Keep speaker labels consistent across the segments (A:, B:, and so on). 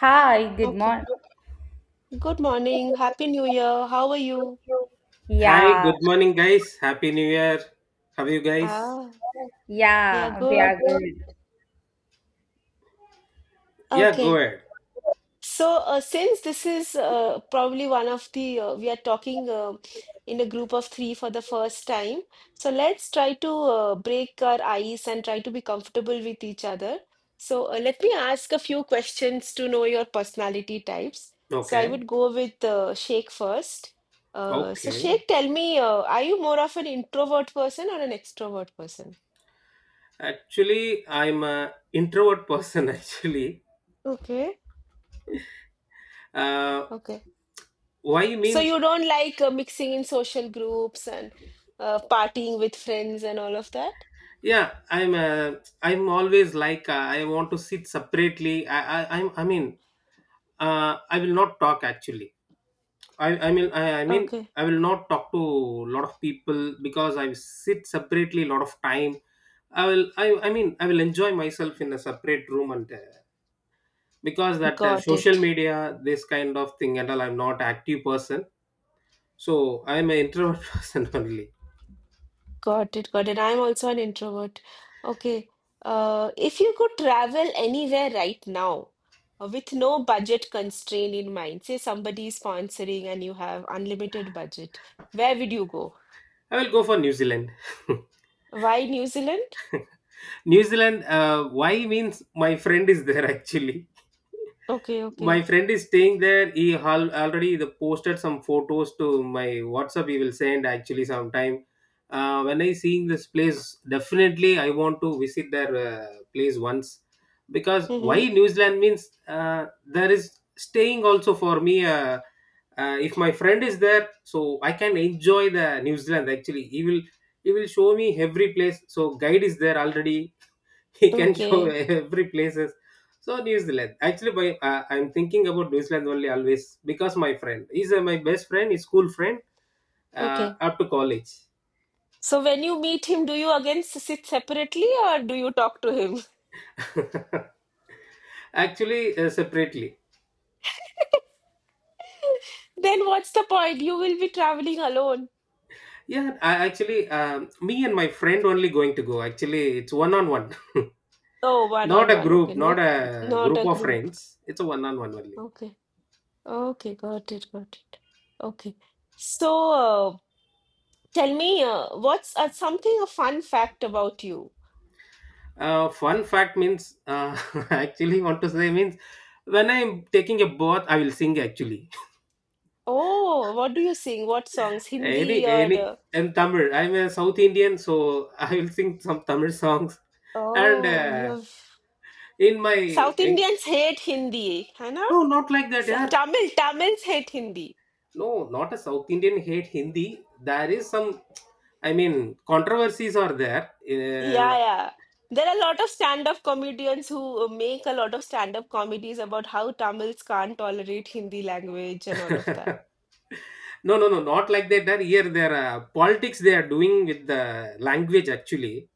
A: Hi, good
B: Okay.
A: morning.
B: Good morning. Happy New Year. How are you?
C: Hi,
A: Yeah,
C: good morning, guys. Happy New Year. How are you guys?
B: Ah, we are
A: yeah, we
B: good.
A: are good.
C: Yeah, go
B: Okay.
C: ahead.
B: So, since this is probably we are talking in a group of three for the first time. So, let's try to break our ice and try to be comfortable with each other. So, let me ask a few questions to know your personality types. So, I
C: Okay,
B: would go with Sheikh first. So,
C: okay.
B: Sheikh, tell me, are you more of an introvert person or an extrovert person?
C: Actually, I'm a introvert person. Actually,
B: Okay.
C: uh,
B: Okay.
C: why
B: So
C: means
B: you don't like mixing in social groups and partying with friends and all of that?
C: yeah, I'm always like I want to sit separately. I will not talk actually. I I mean I, I mean
B: Okay.
C: I will not talk to a lot of people because I sit separately a lot of time. I will I mean I will enjoy myself in a separate room and because that
B: Got
C: social
B: it.
C: media, this kind of thing and all, I'm not active person, so I'm an introvert person only.
B: Got it. Got it. I'm also an introvert. Okay. If you could travel anywhere right now with no budget constraint in mind, say somebody is sponsoring and you have unlimited budget, where would you go?
C: I will go for New Zealand.
B: Why New Zealand?
C: New Zealand, why means my friend is there. Actually,
B: Okay.
C: my
B: Okay.
C: friend is staying there. He already the posted some photos to my WhatsApp. He will send actually sometime. When I seeing this place, definitely I want to visit their place once. Because why
B: Mm-hmm.
C: New Zealand means, there is staying also for me. If my friend is there, so I can enjoy the New Zealand. Actually, he will show me every place, so guide is there already. He can show
B: Okay.
C: every places. So New Zealand, actually, by I'm thinking about New Zealand only always, because my friend, he's my best friend, his school friend
B: Okay.
C: up to college.
B: So when you meet him, do you again sit separately or do you talk to him?
C: Actually, separately.
B: Then what's the point? You will be traveling alone.
C: Yeah, I actually, me and my friend only going to go. Actually, it's one on one.
B: Oh, one
C: Not
B: on
C: a
B: one. Okay,
C: group,
B: no,
C: not a
B: not
C: group
B: a
C: of
B: group.
C: friends. It's a one on one only.
B: Okay, okay, got it, got it. Okay. So tell me, what's something a fun fact about you?
C: Fun fact means, I actually want to say means, when I'm taking a bath, I will sing actually.
B: Oh, what do you sing? What songs? Hindi or
C: Any, and Tamil. I'm a South Indian, so I will sing some Tamil songs. And
B: oh, you have
C: in my,
B: South
C: in-
B: Indians hate Hindi, है ना?
C: no, not like that, yeah.
B: Tamil, Tamils hate Hindi.
C: No, not a South Indian hate Hindi. There is some, I mean, controversies are there.
B: Yeah, yeah. There are a lot of stand-up comedians who make a lot of stand-up comedies about how Tamils can't tolerate Hindi language and all of that.
C: No, no, no, not like that. There, here, there are politics they are doing with the language actually.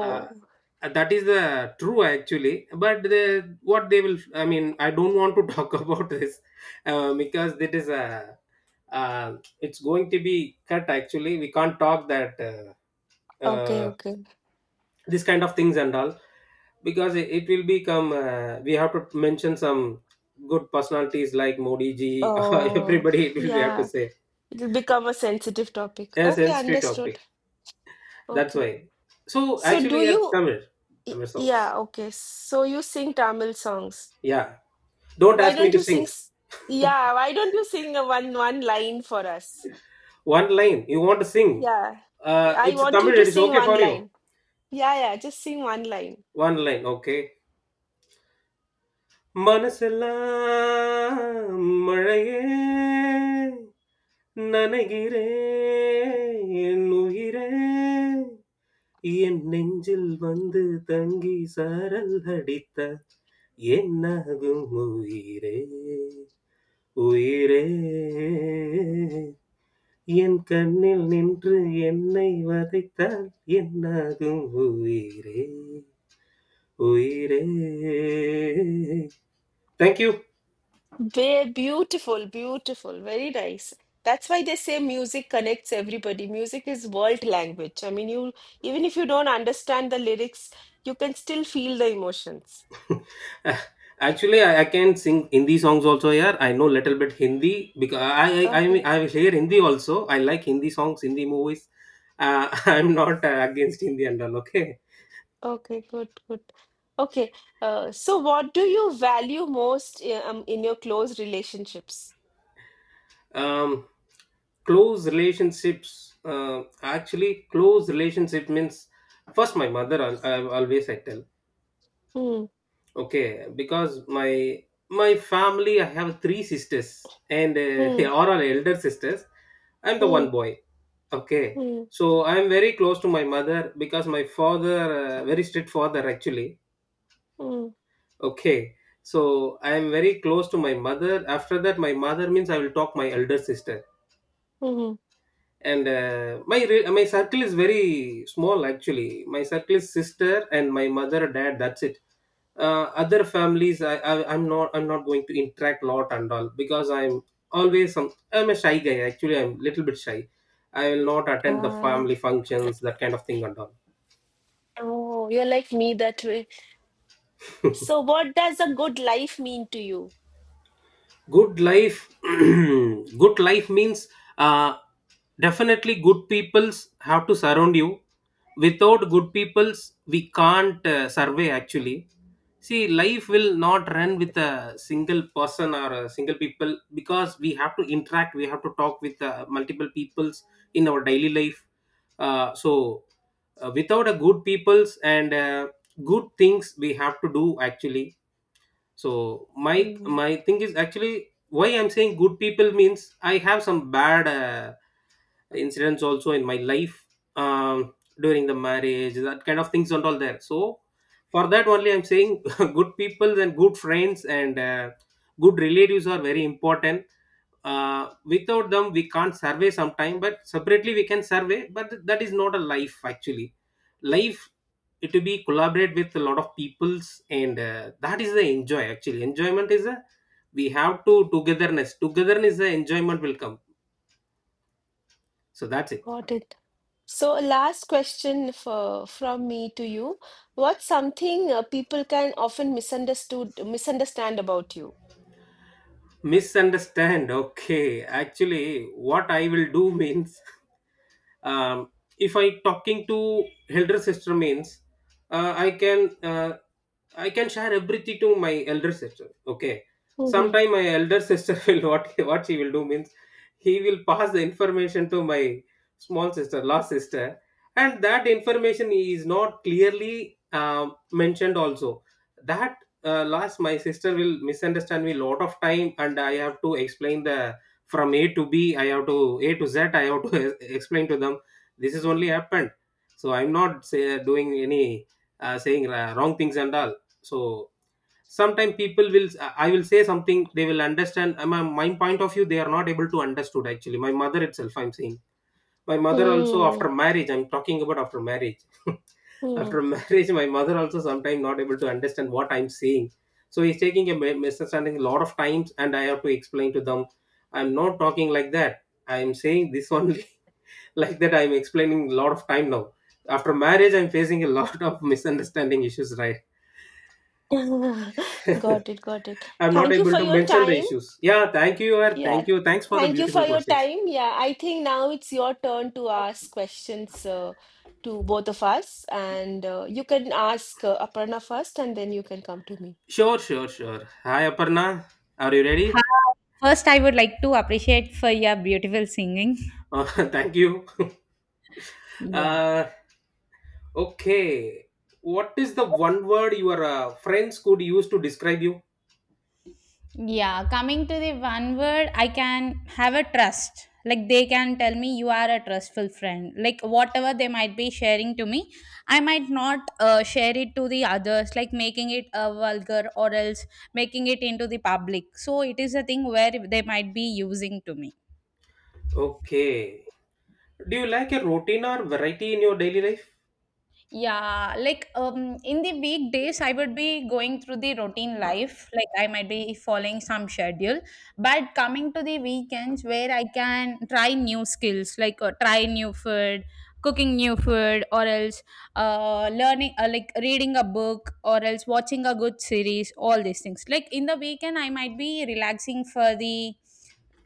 C: uh, that is the true actually, but the, what they will, I mean, I don't want to talk about this, because it is a, it's going to be cut actually. We can't talk that.
B: okay, okay.
C: This kind of things and all, because it will become, we have to mention some good personalities like Modi ji.
B: Oh,
C: Everybody, it will, we have to
B: yeah.
C: say
B: It'll become a sensitive topic.
C: a
B: Okay,
C: sensitive
B: understood.
C: topic. That's
B: Okay.
C: why. So
B: So do
C: actually, yeah,
B: you,
C: Tamil. Tamil songs.
B: yeah, okay. So you sing Tamil songs.
C: Yeah. Don't
B: Why
C: ask me
B: don't
C: to
B: you
C: sing.
B: sing, s- yeah, why don't you sing a one line for us?
C: One line. You want to sing?
B: Yeah, I
C: It's
B: want you
C: Tamil.
B: to
C: It is
B: sing
C: okay
B: one
C: for you.
B: line. Yeah, yeah, just sing one line.
C: One line. Okay. மனசெல்லாம் மழையே நனைகிறேன் என் உயிரே என் நெஞ்சில் வந்து தங்கி சாரல் அடித்த என்னாகும் உயிரே உயிரே என் கண்ணில் நின்று என்னை வதைத்தால் என்னாகும் உயிரே உயிரே. Thank you.
B: Be beautiful, beautiful, very nice. That's why they say music connects everybody. Music is world language. You even if you don't understand the lyrics, you can still feel the emotions.
C: Actually, I can sing Hindi songs also. Here, I know little bit Hindi, because I mean,
B: Okay,
C: I hear Hindi also. I like Hindi songs, Hindi movies. uh, I'm not against Hindi and all, okay.
B: okay, good, good. Okay, so what do you value most in your close relationships?
C: Um, close relationships, actually close relationship means, first my mother. I always I tell.
B: Hmm,
C: Okay, because my family, I have three sisters, and
B: hmm,
C: are all are elder sisters. I'm the
B: hmm,
C: one boy. Okay.
B: hmm,
C: So I'm very close to my mother, because my father, very strict father actually.
B: hmm,
C: Okay. So I am very close to my mother. After that, my mother means I will talk my elder sister.
B: hmm.
C: And my circle is very small. Actually, my circle is sister and my mother, dad, that's it. Other families, I'm not going to interact lot and all, because I'm always some, I'm a shy guy. Actually, I'm little bit shy. I will not attend the
B: Ah,
C: family functions, that kind of thing and all.
B: oh, you're like me that way. So, what does a good life mean to you?
C: Good life. Good life means, uh, definitely good peoples have to surround you. Without good peoples, we can't survey actually. See, life will not run with a single person or a single people, because we have to interact, we have to talk with multiple peoples in our daily life. So without a good peoples and, good things we have to do actually. So my
B: Hmm,
C: my thing is actually, why I'm saying good people means, I have some bad incidents also in my life, um, during the marriage, that kind of things and all there. So for that only I'm saying good people and good friends and good relatives are very important. Without them, we can't survey sometime, but separately we can survey, but that is not a life actually. Life, it will be collaborate with a lot of peoples, and that is the enjoy actually. Enjoyment is a, we have to togetherness. Togetherness, the enjoyment will come. So that's it.
B: got it. So, last question for, from me to you. What's something people can often misunderstood misunderstand about you?
C: Misunderstand, okay. Actually, what I will do means, um, if I talking to elder sister means, uh, i can uh, I can share everything to my elder sister, okay.
B: Mm-hmm.
C: Sometime my elder sister will, what she will do means, he will pass the information to my small sister, last sister, and that information is not clearly mentioned also. That, last my sister will misunderstand me lot of time, and I have to explain the, from A to B, I have to A to Z, I have to explain to them. This is only happened. So I'm not say, doing any saying wrong things and all. So sometimes people will, I will say something, they will understand. My, my point of view, they are not able to understood actually. My mother itself I'm saying. My mother also after marriage, I'm talking about after marriage. After marriage, my mother also sometimes not able to understand what I'm saying. So he's taking a misunderstanding a lot of times, and I have to explain to them, I'm not talking like that, I'm saying this only. Like that, I'm explaining a lot of time. Now after marriage, I'm facing a lot of misunderstanding issues, right.
B: Got it, got it.
C: I'm not
B: Thank you
C: able
B: for
C: to
B: your
C: mention the
B: time.
C: issues. Yeah, thank you or
B: Yeah,
C: thank you, thanks for the
B: thank you for
C: beautiful
B: your
C: questions.
B: time. Yeah, I think now it's your turn to ask questions to both of us, and you can ask Aparna first, and then you can come to me.
C: Sure, sure, sure. Hi, Aparna, are you ready?
A: Hi. First, I would like to appreciate for your beautiful singing.
C: Uh, thank you.
A: Yeah.
C: Uh, okay. What is the one word your friends could use to describe you?
A: Yeah, coming to the one word, I can have a trust. Like they can tell me you are a trustful friend. Like whatever they might be sharing to me, I might not share it to the others, like making it vulgar or else making it into the public. So it is a thing where they might be using to me.
C: Okay. Do you like a routine or variety in your daily life?
A: Yeah, like in the weekdays, I would be going through the routine life. Like I might be following some schedule, but coming to the weekends where I can try new skills, like try new food, cooking new food, or else learning, like reading a book, or else watching a good series. All these things. Like in the weekend, I might be relaxing for the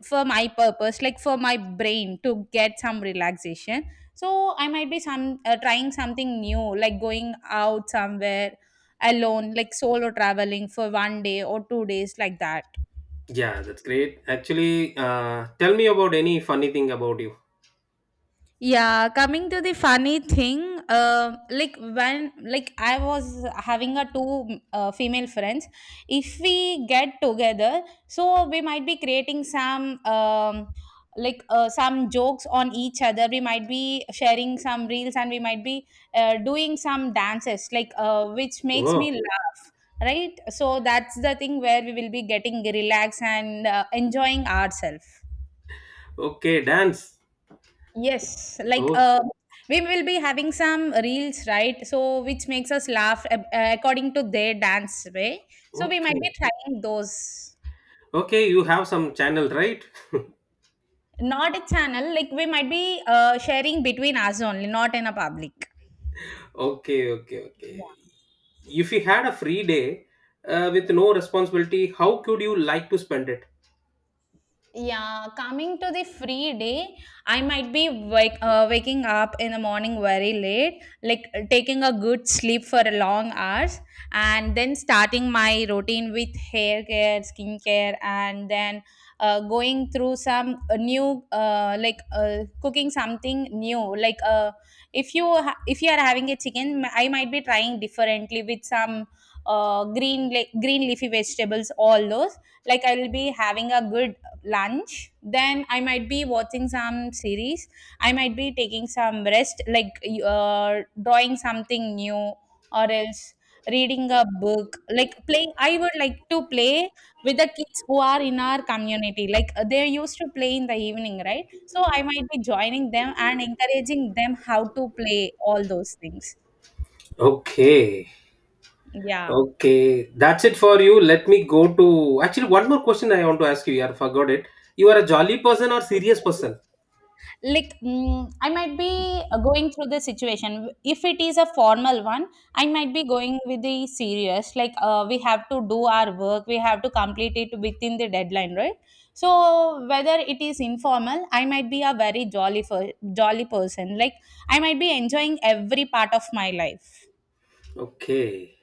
A: for my purpose, like for my brain to get some relaxation. So I might be some trying something new, like going out somewhere alone, like solo traveling for 1 day or 2 days, like that.
C: Yeah, that's great. Actually, tell me about any funny thing about you.
A: Yeah, coming to the funny thing, like when I was having a two female friends, if we get together, so we might be creating some like some jokes on each other. We might be sharing some reels and we might be doing some dances, like which makes me
C: Oh,
A: laugh. Right, so that's the thing where we will be getting relaxed and enjoying ourselves.
C: okay, dance.
A: Yes, like
C: Oh,
A: we will be having some reels, right? So which makes us laugh according to their dance way. So we might be
C: okay.
A: trying those.
C: Okay, you have some channel, right?
A: Not a channel, like we might be sharing between us only, not in a public.
C: Okay, okay, okay. If you had a free day, with no responsibility, how could you like to spend it?
A: Yeah, coming to the free day, I might be waking up in the morning very late, like taking a good sleep for a long hours, and then starting my routine with hair care, skincare, and then going through some new, like cooking something new. Like if you are having a chicken, I might be trying differently with some green leafy vegetables, all those. Like I will be having a good lunch, then I might be watching some series. I might be taking some rest, like drawing something new, or else reading a book. Like playing, I would like to play with the kids who are in our community, like they used to play in the evening, right? So I might be joining them and encouraging them how to play, all those things.
C: Okay.
A: Yeah,
C: Okay, that's it for you. Let me go to, actually one more question I want to ask you. Yeah, forgot it. You are a jolly person or serious person?
A: like I might be going through the situation. If it is a formal one, I might be going with the serious, like we have to do our work, we have to complete it within the deadline, right? So whether it is informal, I might be a very jolly person, like I might be enjoying every part of my life.
C: Okay.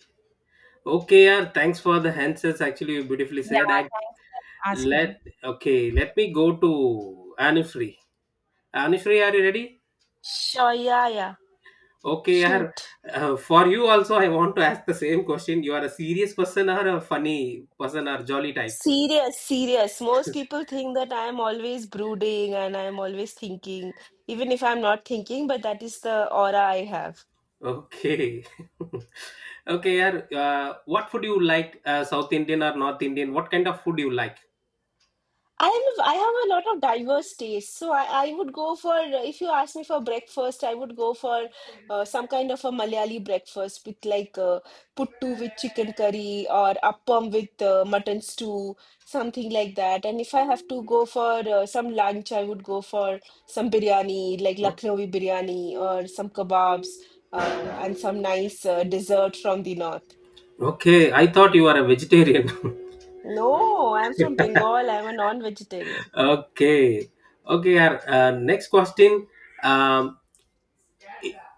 C: Okay, yeah, thanks for the answers. Actually, you beautifully said.
A: Yeah,
C: I
A: thanks for
C: let
A: asking.
C: Okay, let me go to Anushree. Anushree, are you ready?
B: Sure, yeah, yeah.
C: Okay, yeah.
B: Shoot.
C: For you also, I want to ask the same question. You are a serious person or a funny person or jolly type?
B: Serious, serious. Most people think that I'm always brooding and I'm always thinking, even if I'm not thinking, but that is the aura I have.
C: Okay. Okay, yaar, what food you like? South Indian or North Indian? What kind of food you like?
B: I have a lot of diverse tastes, so I would go for if you ask me for breakfast, I would go for some kind of a Malayali breakfast with like puttu with chicken curry or appam with mutton stew, something like that. And if I have to go for some lunch, I would go for some biryani, like
C: No?
B: Lucknowi biryani or some kebabs and some nice dessert from the north.
C: Okay, I thought you are a vegetarian.
B: No, I'm from Bengal. I'm a non-vegetarian.
C: Okay. Okay, yaar, next question. Um,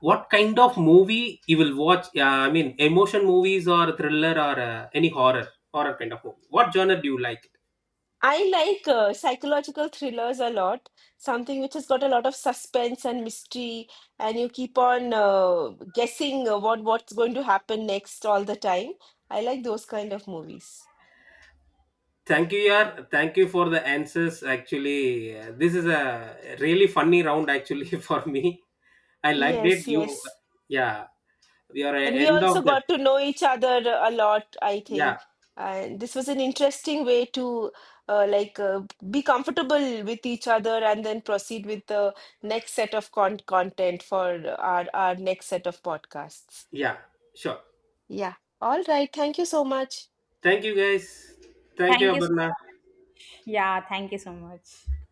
C: what kind of movie you will watch? I mean, emotion movies or thriller or any horror, horror kind of movie. What genre do you like?
B: I like psychological thrillers a lot, something which has got a lot of suspense and mystery, and you keep on guessing what's going to happen next all the time. I like those kind of movies.
C: Thank you, yaar. Thank you for the answers. Actually, this is a really funny round actually for me. I liked it.
B: Yes,
C: You,
B: yes.
C: yeah, we are at
B: And we
C: end
B: also
C: of the,
B: got to know each other a lot, I
C: yeah,
B: think. And this was an interesting way to uh, like uh, be comfortable with each other and then proceed with the next set of content for our next set of podcasts.
C: yeah, sure.
B: Yeah. All right. Thank you so much.
C: Thank you guys. Thank you,
A: Thank you so
C: Aparna.
A: much. Yeah, thank you so much.